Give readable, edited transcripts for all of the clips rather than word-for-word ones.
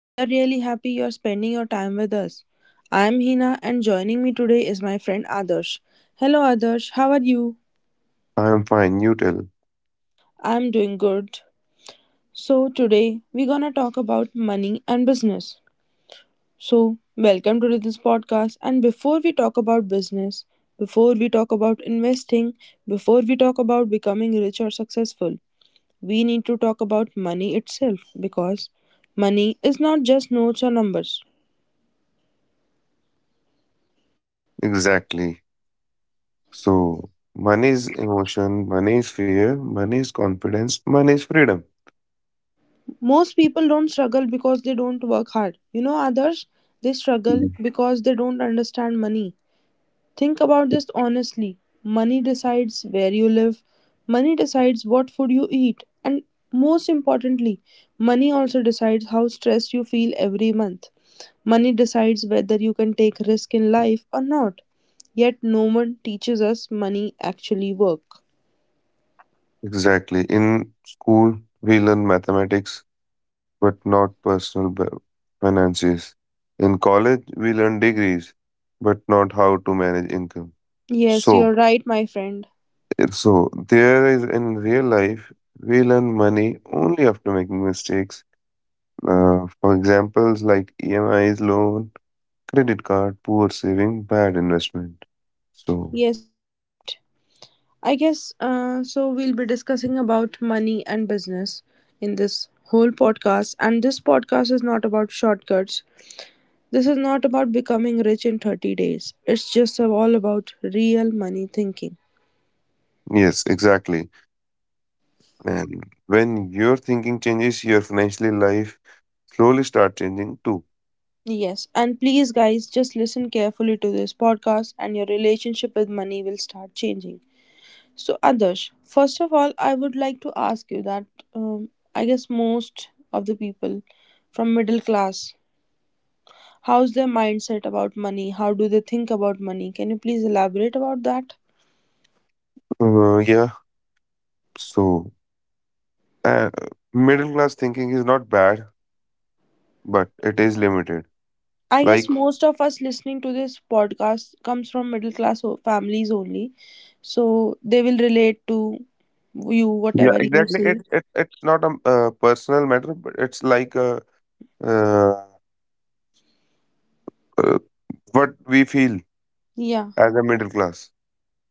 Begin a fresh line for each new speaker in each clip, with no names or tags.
We are really happy you are spending your time with us. I am Hina, and joining me today is my friend Adarsh. Hello, Adarsh, how are you?
I'm fine, you tell.
I am doing good. So, today we're gonna talk about money and business. So, welcome to this podcast. And before we talk about business, before we talk about investing, before we talk about becoming rich or successful, we need to talk about money itself because money is not just notes or numbers.
Exactly. So, money is emotion, money is fear, money is confidence, money is freedom.
Most people don't struggle because they don't work hard. You know, others they struggle
Mhm.
because they don't understand money. Think about this honestly. Money decides where you live, money decides what food you eat, and most importantly, money also decides how stressed you feel every month. Money decides whether you can take risk in life or not. Yet no one teaches us money actually work.
Exactly. In school, we learn mathematics, but not finances. In college, we learn degrees, but not how to manage income.
Yes,
So,
you're right, my friend.
so there is in real life, we learn money only after making mistakes. For examples like EMIs, loan, credit card, poor saving, bad investment. So,
Yes, you're right. We'll be discussing about money and business in this whole podcast. And this podcast is not about shortcuts. This is not about becoming rich in 30 days. It's just all about real money thinking.
yes, exactly. And when your thinking changes, your financial life slowly start changing too.
Yes, and please, guys, just listen carefully to this podcast, and your relationship with money will start changing. So, Adarsh, first of all, I would like to ask you that um, I guess most of the people from middle class, how's their mindset about money? How do they think about money? Can you please elaborate about that?
Yeah. So, uh, middle class thinking is not bad, but it is limited.
I guess
Like,
most of us listening to this podcast comes from middle class families only. So they will relate to you,
yeah,
whatever you
exactly.
say.
It's not a personal matter, but it's like uh, uh, what we feel
Yeah,
as a middle class.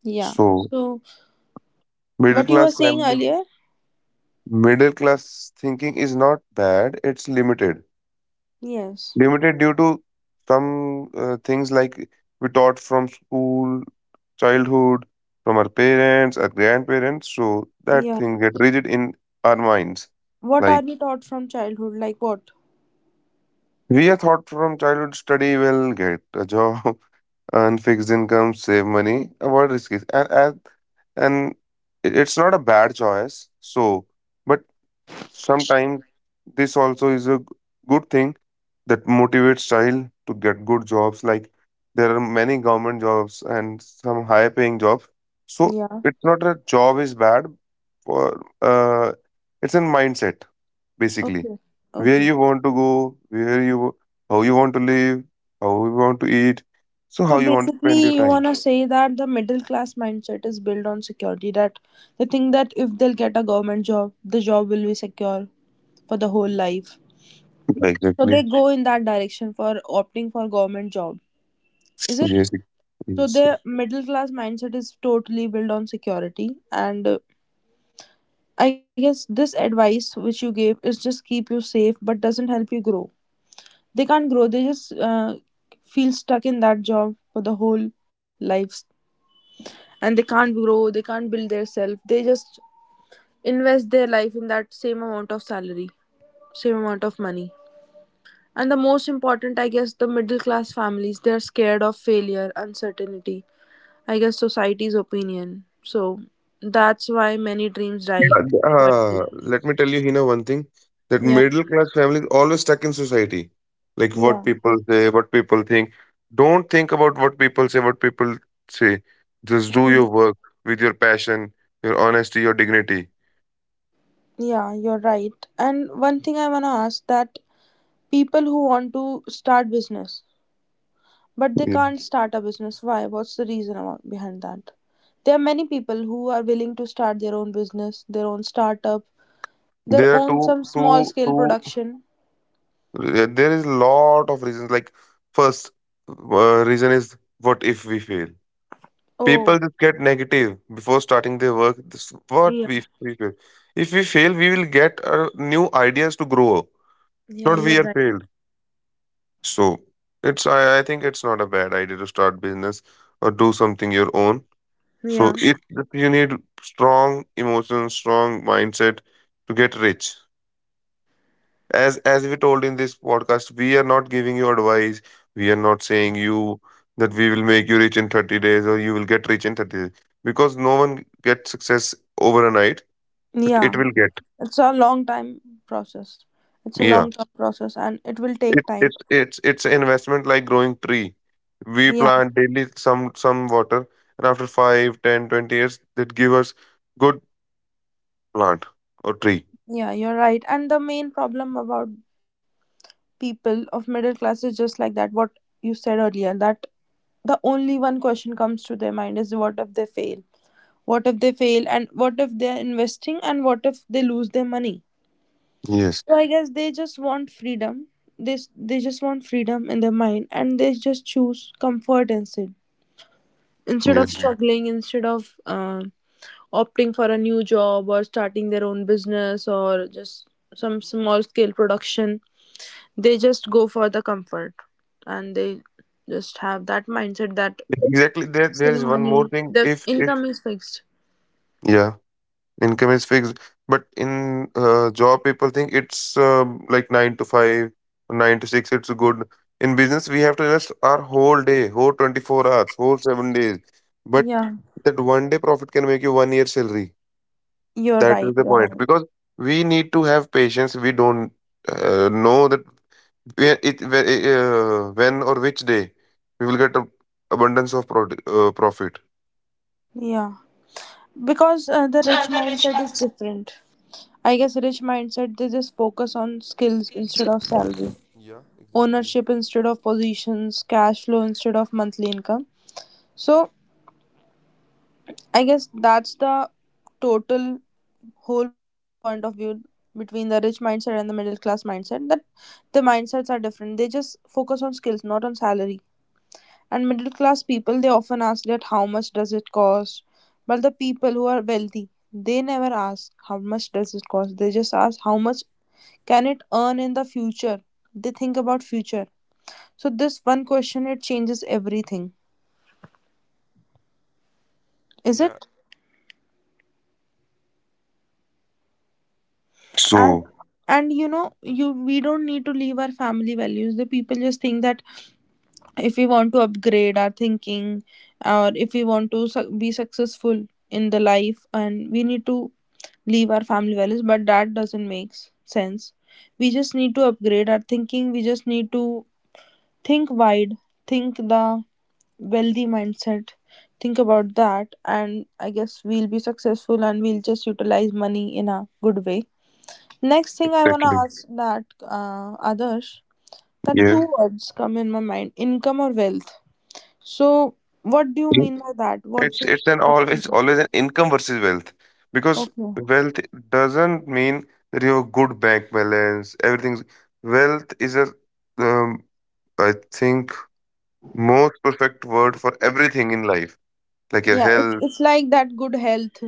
yeah.
So,
So
middle
what you were
class
saying
family
earlier?
middle class thinking is not bad, it's limited.
Yes.
Limited due to some things like we taught from school, childhood, from our parents, our grandparents. So that
Yeah.
thing get rigid in our minds.
What are
Like
we taught from childhood? Like what?
we are taught from childhood, study well, get a job, earn fixed income, save money, avoid risks. And it's not a bad choice so but sometimes this also is a good thing that motivates child to get good jobs. Like there are many government jobs and some high paying jobs, so
Yeah.
it's not a job is bad for, it's a mindset basically.
Okay.
Where
Okay.
you want to go, where you, how you want to live, how you want to eat, so
So
how you want to spend your
basically, you
time.
want to say that the middle class mindset is built on security, that they think that if they'll get a government job, the job will be secure for the whole life. So they
Exactly.
go in that direction for opting for government job. Is it?
Yes,
So
yes.
their middle class mindset is totally built on security and I guess this advice which you gave is just keep you safe but doesn't help you grow. They can't grow. They just feel stuck in that job for the whole lives and they can't grow. They can't build their self. They just invest their life in that same amount of salary, same amount of money. And the most important, I guess, the middle class families, they're scared of failure, uncertainty, I guess society's opinion. So that's why many dreams die
Uh, th- uh,
quietly.
Let me tell you, Hina, one thing, that
Yeah.
middle class families always stuck in society, like what
Yeah.
people say, what people think. Don't think about what people say, what people say. Just do your
Mhm.
work with your passion, your honesty, your dignity.
Yeah, you're right. And one thing I want to ask that people who want to start business, but they
Yeah.
can't start a business, why? What's the reason about, behind that? There are many people who are willing to start their own business, their own startup, their
There are
own
two,
some small
two,
scale
two.
production.
There is a lot of reasons. Like first, reason is what if we fail?
Oh,
People just get negative before starting their work. This what
yeah.
we feel. If we fail, we will get new ideas to grow.
Yeah,
Not
you're
we are
right.
failed. So it's, I think it's not a bad idea to start business or do something your own. So
Yeah.
it, you need strong emotions, strong mindset to get rich. As we told in this podcast, we are not giving you advice. We are not saying you that we will make you rich in 30 days or you will get rich in 30 days, because no one gets success overnight, but
Yeah.
it will get.
It's a long time process. It's a long
Yeah,
term process and it will take
it,
time.
it's an investment like growing tree. We
Yeah.
plant daily some water, and after five, ten, 20 years that give us good plant or tree.
Yeah, you're right. And the main problem about people of middle class is just like that, what you said earlier, that the only one question comes to their mind is what if they fail? What if they fail? And what if they're investing? And what if they lose their money?
Yes.
So I guess they just want freedom. They, they just want freedom in their mind and they just choose comfort instead
Yeah,
of struggling, instead of opting for a new job or starting their own business or just some small scale production. They just go for the comfort and they just have that mindset that
exactly. There
save
is one more
money,
thing
the
if
income is fixed.
yeah. Income is fixed, but in job, people think it's like nine to five or nine to six. It's good. In business, we have to invest our whole day, whole 24 hours, whole 7 days. But
Yeah,
that one day profit can make you 1 year salary.
you're
That
right,
is the
you're
point
right.
because we need to have patience. We don't know that where it where, when or which day we will get a abundance of profit.
Yeah, because the rich mindset is different. I guess rich mindset, they just focus on skills instead of salary, ownership instead of positions, cash flow instead of monthly income. So I guess that's the total whole point of view between the rich mindset and the middle class mindset, that the mindsets are different. They just focus on skills, not on salary. And middle class people they often ask that how much does it cost? But the people who are wealthy, they never ask how much does it cost. They just ask how much can it earn in the future. They think about future. So this one question it changes everything. Is it?
So
and and you know, you we don't need to leave our family values. The people just think that if we want to upgrade our thinking or if we want to be successful in the life and we need to leave our family values, but that doesn't make sense. We just need to upgrade our thinking. We just need to think wide, think the wealthy mindset, think about that and I guess we'll be successful and we'll just utilize money in a good way. Next thing I wanna
exactly,
ask that Adarsh, that
yeah.
two words come in my mind: income or wealth. So, what do you
In-
mean by that? What's
It's
your
it's an
what do you
always
mean?
always an income versus wealth, because
Okay?
wealth doesn't mean that you have a good bank balance. Everything's wealth is a, um, I think, most perfect word for everything in life, like your
Yeah,
health.
it's like that good health,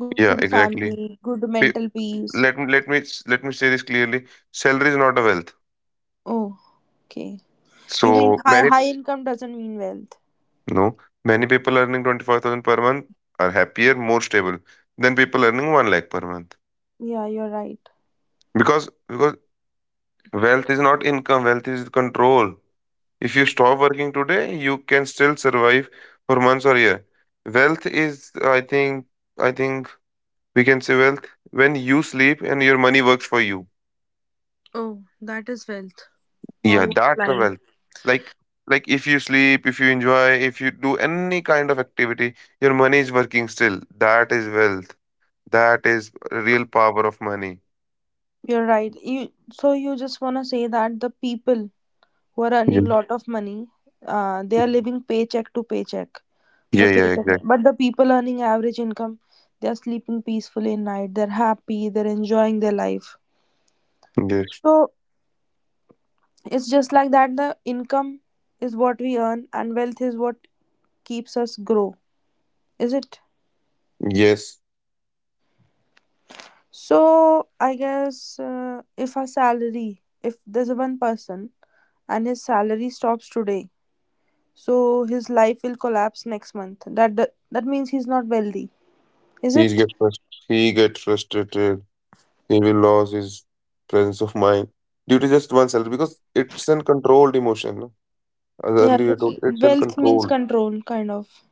good
Yeah,
family,
exactly.
good mental
Pe-
peace.
Let me let me say this clearly. Salary is not a wealth.
Oh, okay. You mean
So
high
many
high income doesn't mean wealth?
no many people earning 25,000 per month are happier, more stable than people earning one lakh per month.
Yeah, you're right.
Because wealth is not income, wealth is control. If you stop working today, you can still survive for months or year. Wealth is, I think we can say wealth when you sleep and your money works for you.
Oh, that is wealth. Wow,
Yeah,
what a
that's the
line.
wealth. Like like if you sleep, if you enjoy, if you do any kind of activity, your money is working still. That is wealth. That is real power of money.
You're right. You so you just wanna say that the people who are
Yeah.
earning lot of money they are living paycheck to paycheck
Yeah,
for
yeah,
paycheck,
exactly.
but the people earning average income, they are sleeping peacefully at night, they're happy, they're enjoying their life.
Yes.
So it's just like that, the income is what we earn and wealth is what keeps us grow. Is it?
Yes.
So I guess if our salary, if there's a one person and his salary stops today, so his life will collapse next month. That that, that means he's not wealthy. Is
He
it?
he get frustrated. He will lose his presence of mind due to just one cell, because it's an controlled emotion. No? As
Yeah,
earlier told,
this
it's
wealth means
uncontrolled.
control, kind of.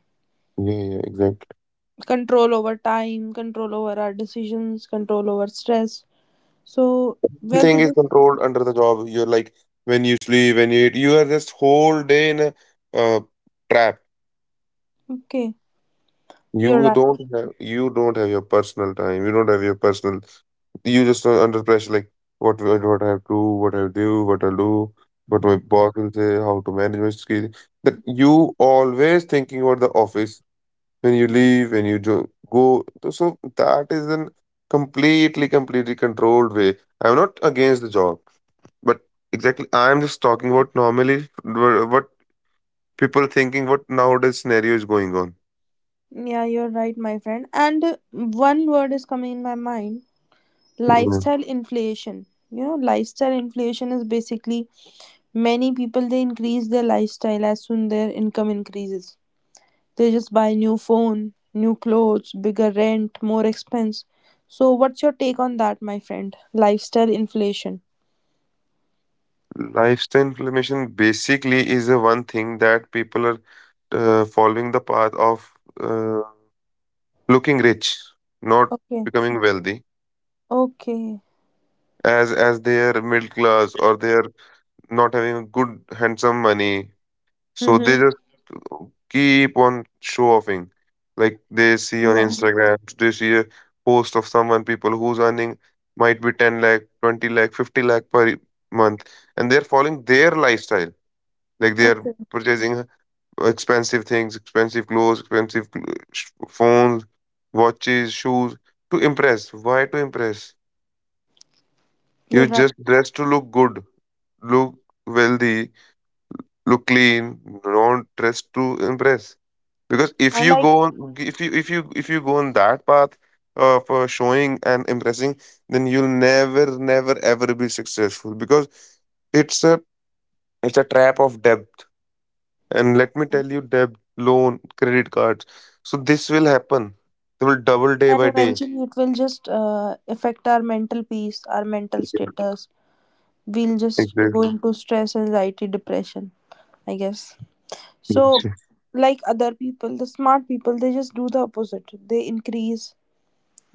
Yeah, yeah, exactly.
Control over time, control over our decisions, control over stress. So, wealth
Everything
is
is
just.
controlled under the job. You're like, when you sleep, when you eat, you are just whole day in a, uh, trap.
Okay, you're
You
right.
don't have you don't have your personal time. You don't have your personal. You just are under pressure, like what I have to, what I do, what I'll do, what my boss will say, how to manage my skill. That you always thinking about the office, when you leave, when you go. So that is an completely controlled way. I'm not against the job, but exactly I'm just talking about normally what people thinking, what nowadays scenario is going on.
Yeah, you're right, my friend. And one word is coming in my mind, lifestyle inflation. You know, lifestyle inflation is basically many people they increase their lifestyle as soon their income increases. They just buy new phone, new clothes, bigger rent, more expense. So what's your take on that, my friend? Lifestyle inflation.
Lifestyle inflammation basically is the one thing that people are following the path of uh, looking rich, not
Okay.
becoming wealthy,
Okay.
as they are middle class or they are not having a good handsome money. So they
Mm-hmm.
just keep on show offing. Like they see on
Yeah.
Instagram, they see a post of someone people who's earning might be 10 lakh, 20 lakh, 50 lakh per month, and they're following their lifestyle. Like they are
Okay.
purchasing expensive things, expensive clothes, expensive phones, watches, shoes to impress. Why to impress?
You're
You
right.
just dress to look good, look wealthy, look clean. Don't dress to impress. Because if
I
you
like.
go on, if you go on that path of showing and impressing, then you'll never, ever be successful. Because it's a it's a trap of depth. And let me tell you, debt, loan, credit cards. So this will happen. They will double day
And
by day.
eventually it will just affect our mental peace, our mental status. We'll just go
Exactly.
into stress, anxiety, depression, I guess. So
Yes.
like other people, the smart people, they just do the opposite. They increase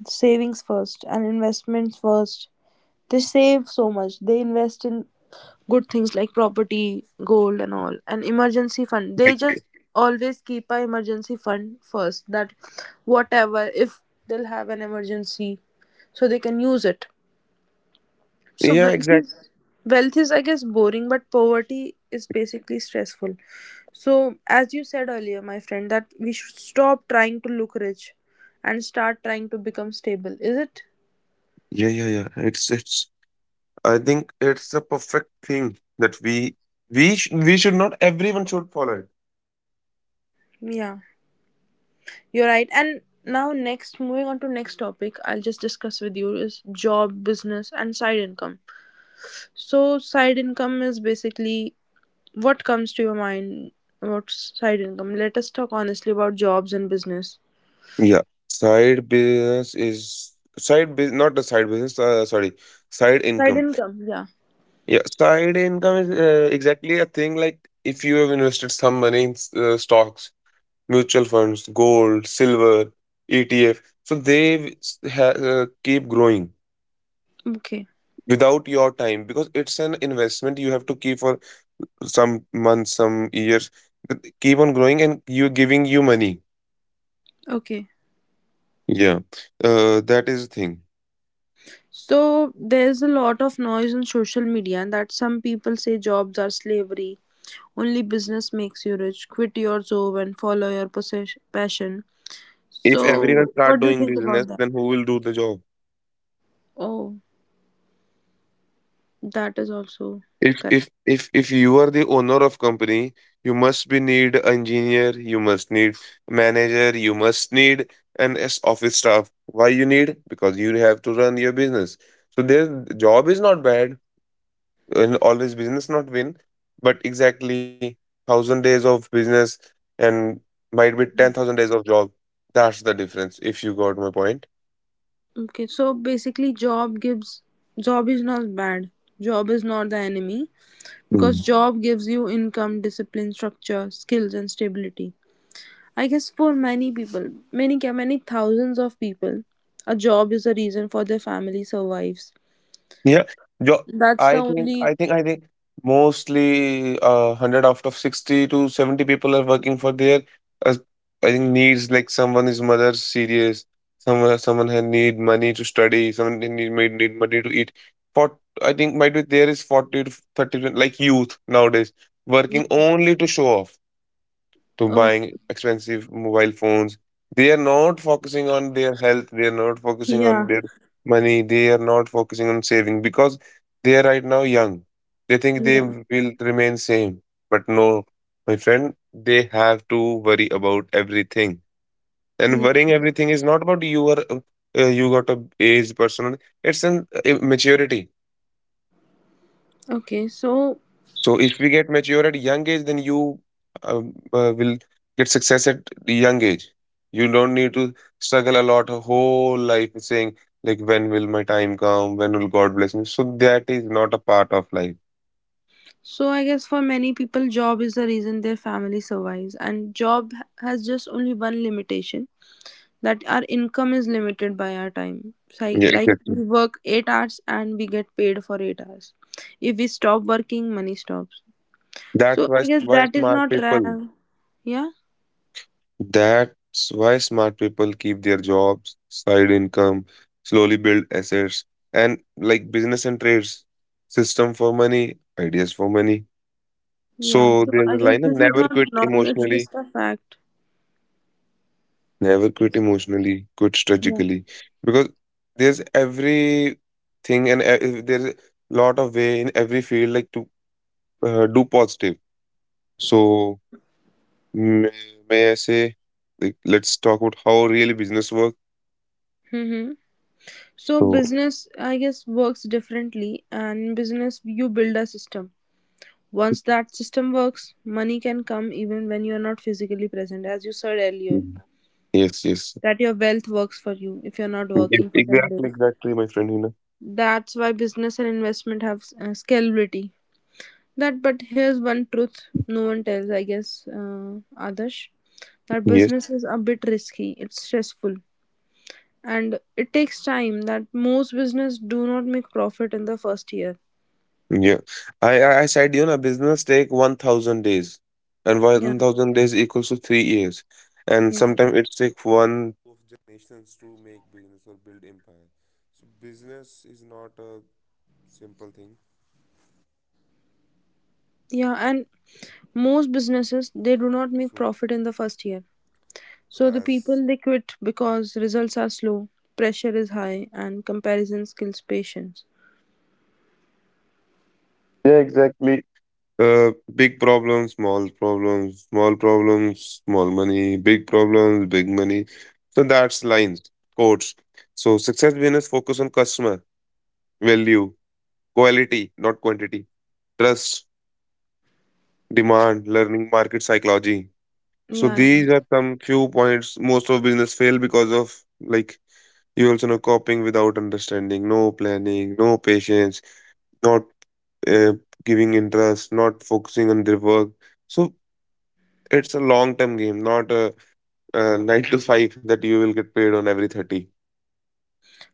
savings first and investments first. They save so much, they invest in good things like property, gold and all, and emergency fund. They
Like,
just always keep a emergency fund first, that whatever if they'll have an emergency, so they can use it. So
yeah,
wealth
exactly.
is, wealth is I guess boring but poverty is basically stressful. So as you said earlier, my friend, that we should stop trying to look rich and start trying to become stable. Is it?
Yeah, yeah, yeah. It's. I think it's a perfect thing that we should not. Everyone should follow it.
Yeah. You're right. And now, next, moving on to next topic, I'll just discuss with you is job, business, and side income. So, side income is basically what comes to your mind about side income. Let us talk honestly about jobs and business.
Yeah, side business is side business, not a side business. Sorry, side
Side
income.
income, yeah.
Yeah, side income is exactly a thing. Like if you have invested some money in stocks, mutual funds, gold, silver, ETF. So they keep growing
Okay,
without your time, because it's an investment you have to keep for some months, some years. But keep on growing and you giving you money.
okay.
Yeah, that is the thing.
So there's a lot of noise on social media that some people say jobs are slavery. Only business makes you rich. Quit your job and follow your passion.
If everyone
So
start
what do you
doing
think about
business,
that?
then who will do the job?
Oh, that is also
if
correct.
if if if you are the owner of company, you must be need engineer, you must need manager, you must need an office staff. Why you need? Because you have to run your business. So their, job is not bad. And always business not win, but exactly 1000 days of business, and might be 10,000 days of job. That's the difference, if you got my point.
Okay, so basically, job gives, job is not bad. Job is not the enemy because job gives you income, discipline, structure, skills, and stability. I guess for many people, many thousands of people, a job is the reason for their family survives.
Yeah. Jo
That's the
I think I
only.
think I think mostly, 100 out of 60 to 70 people are working for their, uh, I think needs, like someone is mother serious, someone had need money to study, someone they need may need money to eat. For I think might be there is 40 to 30 like youth nowadays
Yeah,
working only to show off, to
oh,
buying expensive mobile phones. They are not focusing on their health, they are not focusing on
yeah,
their money, they are not focusing on saving, because they are right now young. They think they
yeah,
will remain same. But no, my friend, they have to worry about everything. And
yeah.
worrying everything is not about you are, you got a age person. It's an, maturity.
Okay, so
So if we get mature at young age, then you will get success at the young age. You don't need to struggle a lot a whole life saying like, when will my time come? When will God bless me? So that is not a part of life.
so I guess for many people, job is the reason their family survives, and job has just only one limitation, that our income is limited by our time.
Yeah,
Like
exactly.
we work 8 hours and we get paid for 8 hours. If we stop working, money stops.
That's
So I guess
why
that is
smart
not
people.
wrong. Yeah?
That's why smart people keep their jobs, side income, slowly build assets, and like business and trades, system for money, ideas for money.
Yeah.
So
So
there's
I
a
guess
line,
this is not wrong, it's just a fact.
never quit emotionally, quit
Yeah.
strategically. Because there's every thing and there's a lot of way in every field, like to do positive. So may, may I say, like, let's talk about how really business works.
Mm-hmm. So
So
business, I guess, works differently, and in business you build a system. Once that system works, money can come even when you are not physically present, as you said earlier.
Mhm. Yes, yes.
That your wealth works for you if you're not
Yes,
working for ten
exactly,
days.
exactly, my friend, you
That's why business and investment have scalability. That, but here's one truth no one tells, I guess, Adarsh, that
know.
business is a bit risky. It's stressful, and it takes time. That most business do not make profit in the first year.
Yeah. I said, you know, business take 1000 days, and
Yeah,
1000 days equals to 3 years. And
yeah,
sometimes it takes one.
yeah. And most businesses they do not make profit in the first year. So the people they quit because results are slow, pressure is high, and comparison kills patience.
Yeah, exactly. Big problems, small problems, small problems, small money, big problems, big money. So that's lines, quotes. So success business focus on customer, value, quality, not quantity, trust, demand, learning, market psychology. So
Yeah, yeah.
these are some few points most of business fail because of like you also know copying without understanding, no planning, no patience, not uh, giving interest, not focusing on their work. So it's a long-term game, not a 9 to 5 that you will get paid on every 30.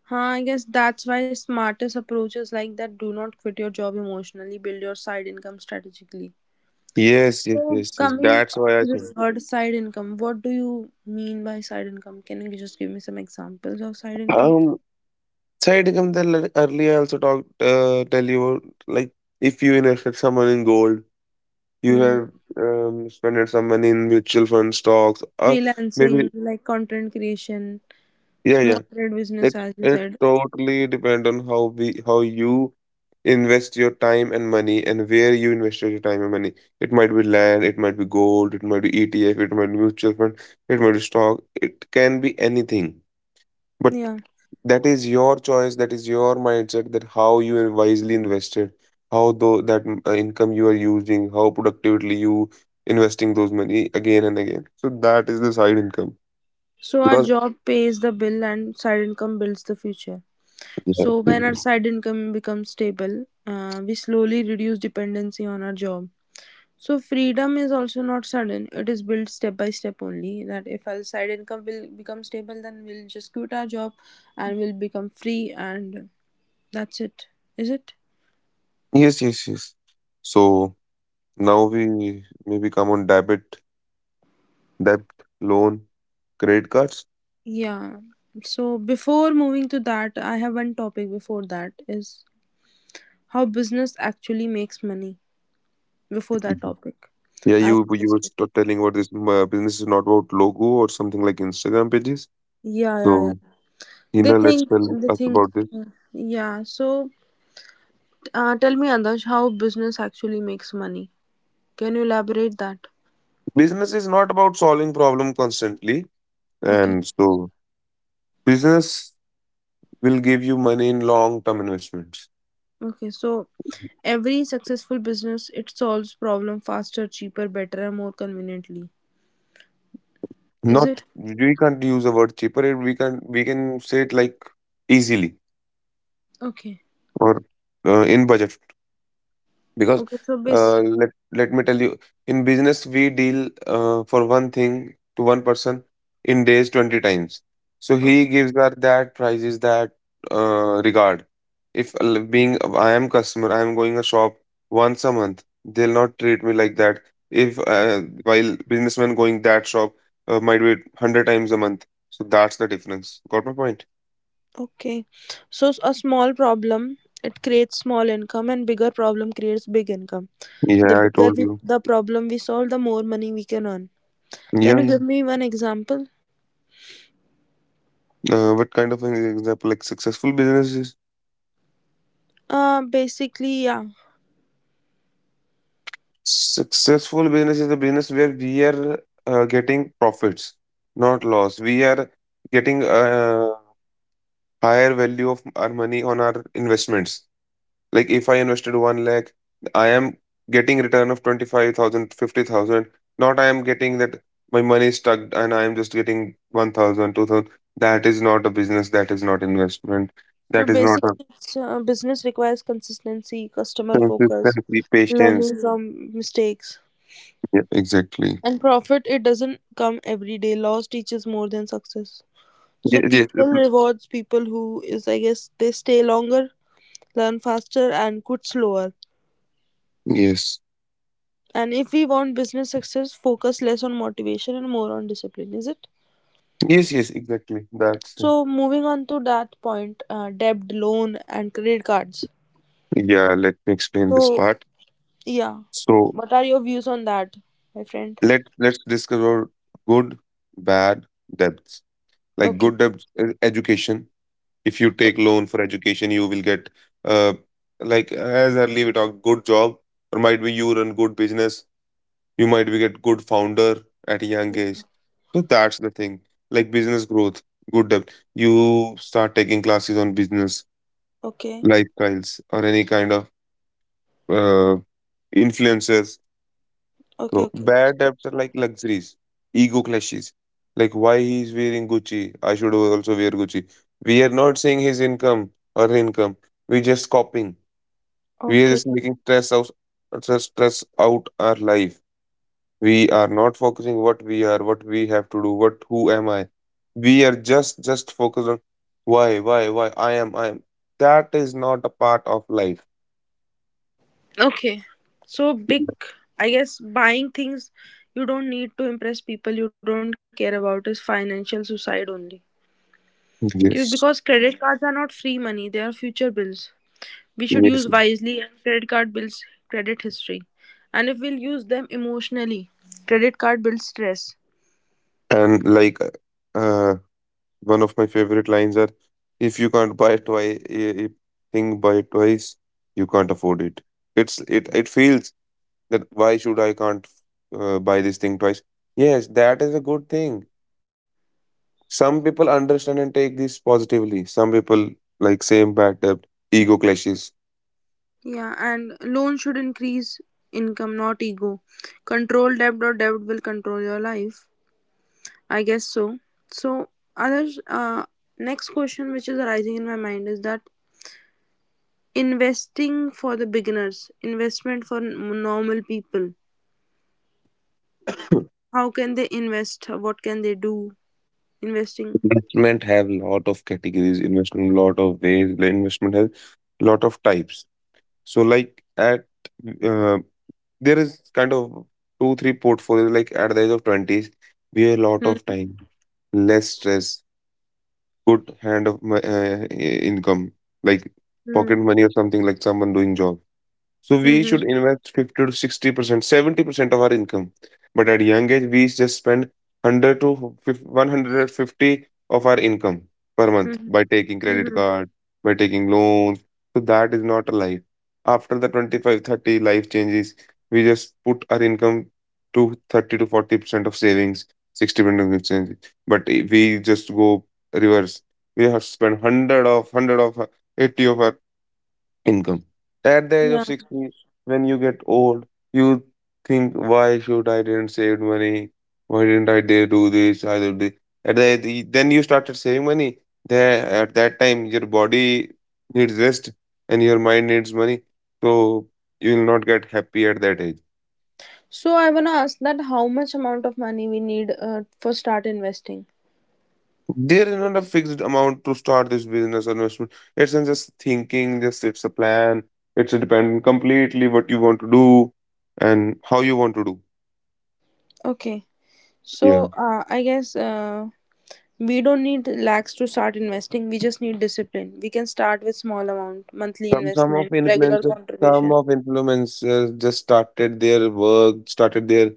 I guess that's why smartest approaches like that do not quit your job emotionally, build your side income strategically.
Yes, yes,
So,
yes, yes.
coming
That's why
to
I
the
said.
third side income, what do you mean by side income? Can you just give me some examples of side income?
Um, Side income that like earlier I also talked, tell you like if you invested some money in gold, you
Hmm.
have spent some money in mutual fund stocks, or maybe
Freelancing, like content creation,
yeah, yeah.
small trade business,
It
as you
it
said.
totally depend on how we how you invest your time and money and where you invest your time and money. It might be land, it might be gold, it might be ETF, it might be mutual fund, it might be stock. It can be anything. But
Yeah.
that is your choice, that is your mindset, that how you are wisely invested, how though that income you are using, how productively you investing those money again and again. So that is the side income.
So, our
Because
job pays the bill and side income builds the future. So, when our
yeah.
side income becomes stable, we slowly reduce dependency on our job. So freedom is also not sudden. It is built step by step only. That if our side income will become stable, then we'll just quit our job and we'll become free, and that's it. Is it?
Yes, yes, yes. So now we maybe come on debit, debt, loan, credit cards.
Yeah. So before moving to that, I have one topic before that is how business actually makes money. Before that
Mhm.
topic,
Yeah,
I
you
want to
you were
discuss-
telling about this business is not about logo or something like Instagram pages.
yeah, yeah,
So
yeah. They
Hina, let's
think
tell
they
us
think
about this.
yeah. So tell me, Adarsh, how business actually makes money? Can you elaborate that?
Business is not about solving problem constantly,
Okay.
and so business will give you money in long term investments.
Okay, so every successful business it solves problem faster, cheaper, better, and more conveniently. Is
Not,
it?
we can't use the word cheaper. We can say it like easily
Okay.
or in budget because
Okay, so base
let me tell you in business we deal for one thing to one person in days 20 times so he
okay.
gives her that prices that regard if being I am customer, I am going a shop once a month, they'll not treat me like that. If while businessman going that shop might be 100 times a month, so that's the difference. Got my point?
Okay. So s- a small problem it creates small income and bigger problem creates big income.
Yeah, I told you.
The problem we solve, the more money we can earn. Can
Yeah,
you
yeah.
give me one example?
What kind of an example, like successful businesses?
Basically, yeah.
Successful business is a business where we are getting profits, not loss. We are getting a higher value of our money on our investments. Like if I invested 1 lakh, I am getting return of 25,000, 50,000. Not I am getting that my money is stuck and I am just getting 1,000, 2,000. That is not a business. That is not investment.
So
That is not
basically,
a
it's, business requires consistency, customer focus,
consistency, patience.
learning from mistakes,
Yeah, exactly.
and profit, it doesn't come every day. Loss teaches more than success.
Yes,
So
yes.
people rewards people who is, I guess, they stay longer, learn faster, and quit slower.
Yes.
And if we want business success, focus less on motivation and more on discipline, is it?
Yes, yes, exactly. That's it.
So moving on to that point, debt, loan, and credit cards.
Yeah, let me explain this
So
part.
yeah,
So
what are your views on that, my friend?
let's discuss our good, bad debts. Like
Okay,
good debts, education. If you take loan for education, you will get uh like as early we talked, good job, or might be you run good business. You might be get good founder at a young age. So that's the thing. Like business growth, good debt. You start taking classes on business,
okay,
lifestyles, or any kind of uh influencers.
okay,
So
okay,
bad
so,
debts are like luxuries, ego clashes. Like why he is wearing Gucci, I should also wear Gucci. We are not saying his income or her income. We're just copying. We are
okay.
just making stress out, stress out our life. We are not focusing what we are, what we have to do, what who am I. We are just focused on why I am, I am. That is not a part of life.
Okay. So big, I guess buying things you don't need to impress people you don't care about is financial suicide only. Cu- Because credit
Yes.
cards are not free money, they are future bills. We should use
Yes.
wisely and credit card bills credit history. And if we'll use them emotionally, credit card builds stress.
And like uh one of my favorite lines are, "If you can't buy it twice, if thing buy it twice, you can't afford it." It feels that why should I can't buy this thing twice? Yes, that is a good thing. Some people understand and take this positively. Some people like same bad debt, ego clashes.
Yeah, and loan should increase income, not ego. Control debt or debt will control your life. I guess so. So, others, next question which is arising in my mind is that investing for the beginners, investment for n- normal people. How can they invest? What can they do? Investing.
Investment have lot of categories. Investment lot of ways. Investment has lot of types. So like at uh." There is kind of two, three portfolios. Like at the age of 20s, we have a lot of time, less stress, good hand of income, like
Mm-hmm.
pocket money or something like someone doing job. So we
Mm-hmm.
should invest 50 to 60%, 70% of our income. But at young age, we just spend 100 to 150 of our income per month
Mm-hmm.
by taking credit
Hmm.
card, by taking loans. So that is not a life. After the 25, 30, life changes, we just put our income to 30 to 40% of savings, 60% of change. But we just go reverse. We have spent 100 of 100 of 80 of our income. At the age of
Yeah.
60, when you get old, you think, why should I didn't save money? Why didn't I dare do this? I did this. At then you started saving money. There, at that time, your body needs rest and your mind needs money. So you will not get happy at that age.
So I wanna ask that how much amount of money we need for start investing.
There is not a fixed amount to start this business or investment. It's not just thinking, just it's a plan. It's dependent completely what you want to do and how you want to do.
Okay.
Yeah.
So I guess we don't need lakhs to start investing. We just need discipline. We can start with small amount, monthly
Some of
investment, regular
influencers, some
contribution.
of influencers just started their work, started their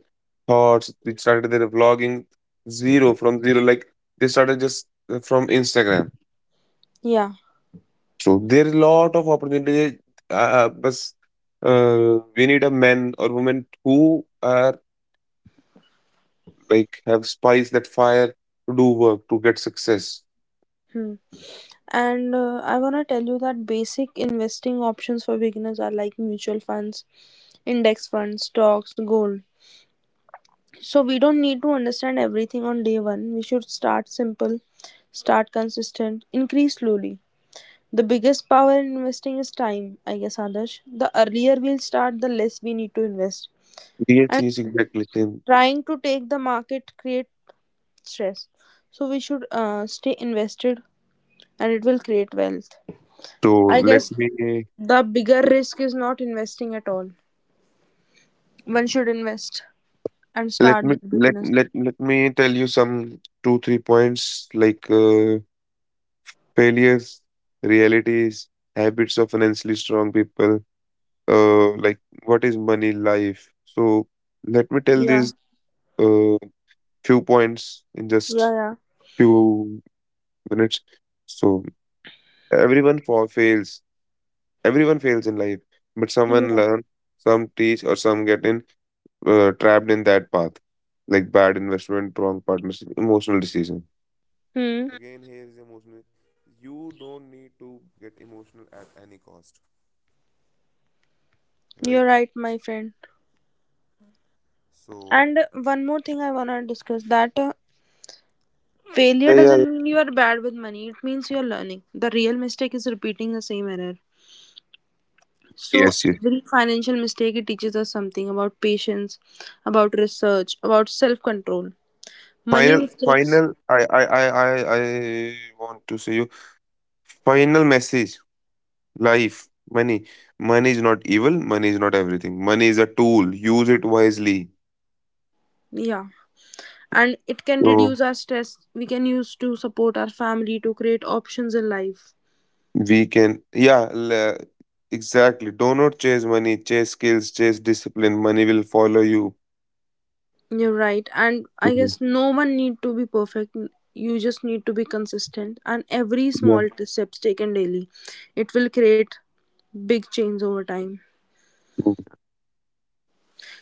thoughts, they started their vlogging zero from zero. Like they started just from Instagram.
Yeah.
So there is a lot of opportunity. But we need a man or woman who are like have spice that fire to do work to get success.
Hmm. And I want to tell you that basic investing options for beginners are like mutual funds, index funds, stocks, gold. So we don't need to understand everything on day one. We should start simple, start consistent, increase slowly. The biggest power in investing is time, I guess, Adarsh. The earlier we'll start, the less we need to invest.
Yes, yes, exactly. Same.
Trying to take the market create stress, so we should stay invested and it will create wealth.
So
I
let
guess
me.
the bigger risk is not investing at all. One should invest and
Let
start
me
the
let
business.
let let me tell you some two, 3 points like failures, realities, habits of financially strong people, like what is money, life. So let me tell
Yeah,
these uh, few points in
yeah,
just
yeah,
few minutes. So everyone for fails. Everyone fails in life, but someone
yeah.
learn, some teach, or some get in trapped in that path, like bad investment, wrong partnership, emotional decision.
Hmm, you're right, my friend. And one more thing I want to discuss that failure doesn't mean you are bad with money, it means you are learning. The real mistake is repeating the same error. So
Yes, yes.
every financial mistake it teaches us something about patience, about research, about self-control. Money
Final,
mistakes,
final. I want to say you. Final message. Life, money. Money is not evil. Money is not everything. Money is a tool. Use it wisely.
yeah. And it can
So
reduce our stress. We can use to support our family to create options in life.
we can. Yeah. Exactly. Do not chase money. Chase skills. Chase discipline. Money will follow you.
You're right. And I
Mhm.
guess no one need to be perfect. You just need to be consistent. And every
Yeah.
small t- steps taken daily, it will create big change over time.
Mm.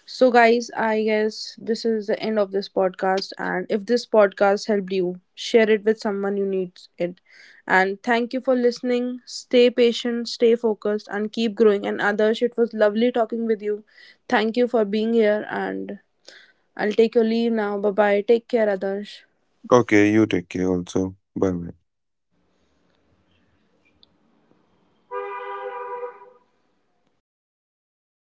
So, guys, I guess this is the end of this podcast. And if this podcast helped you, share it with someone who needs it. And thank you for listening. Stay patient, stay focused, and keep growing. And Adarsh, it was lovely talking with you. Thank you for being here. And I'll take your leave now. Bye bye. Take care, Adarsh.
Okay. You take care. Also. Bye. Bye.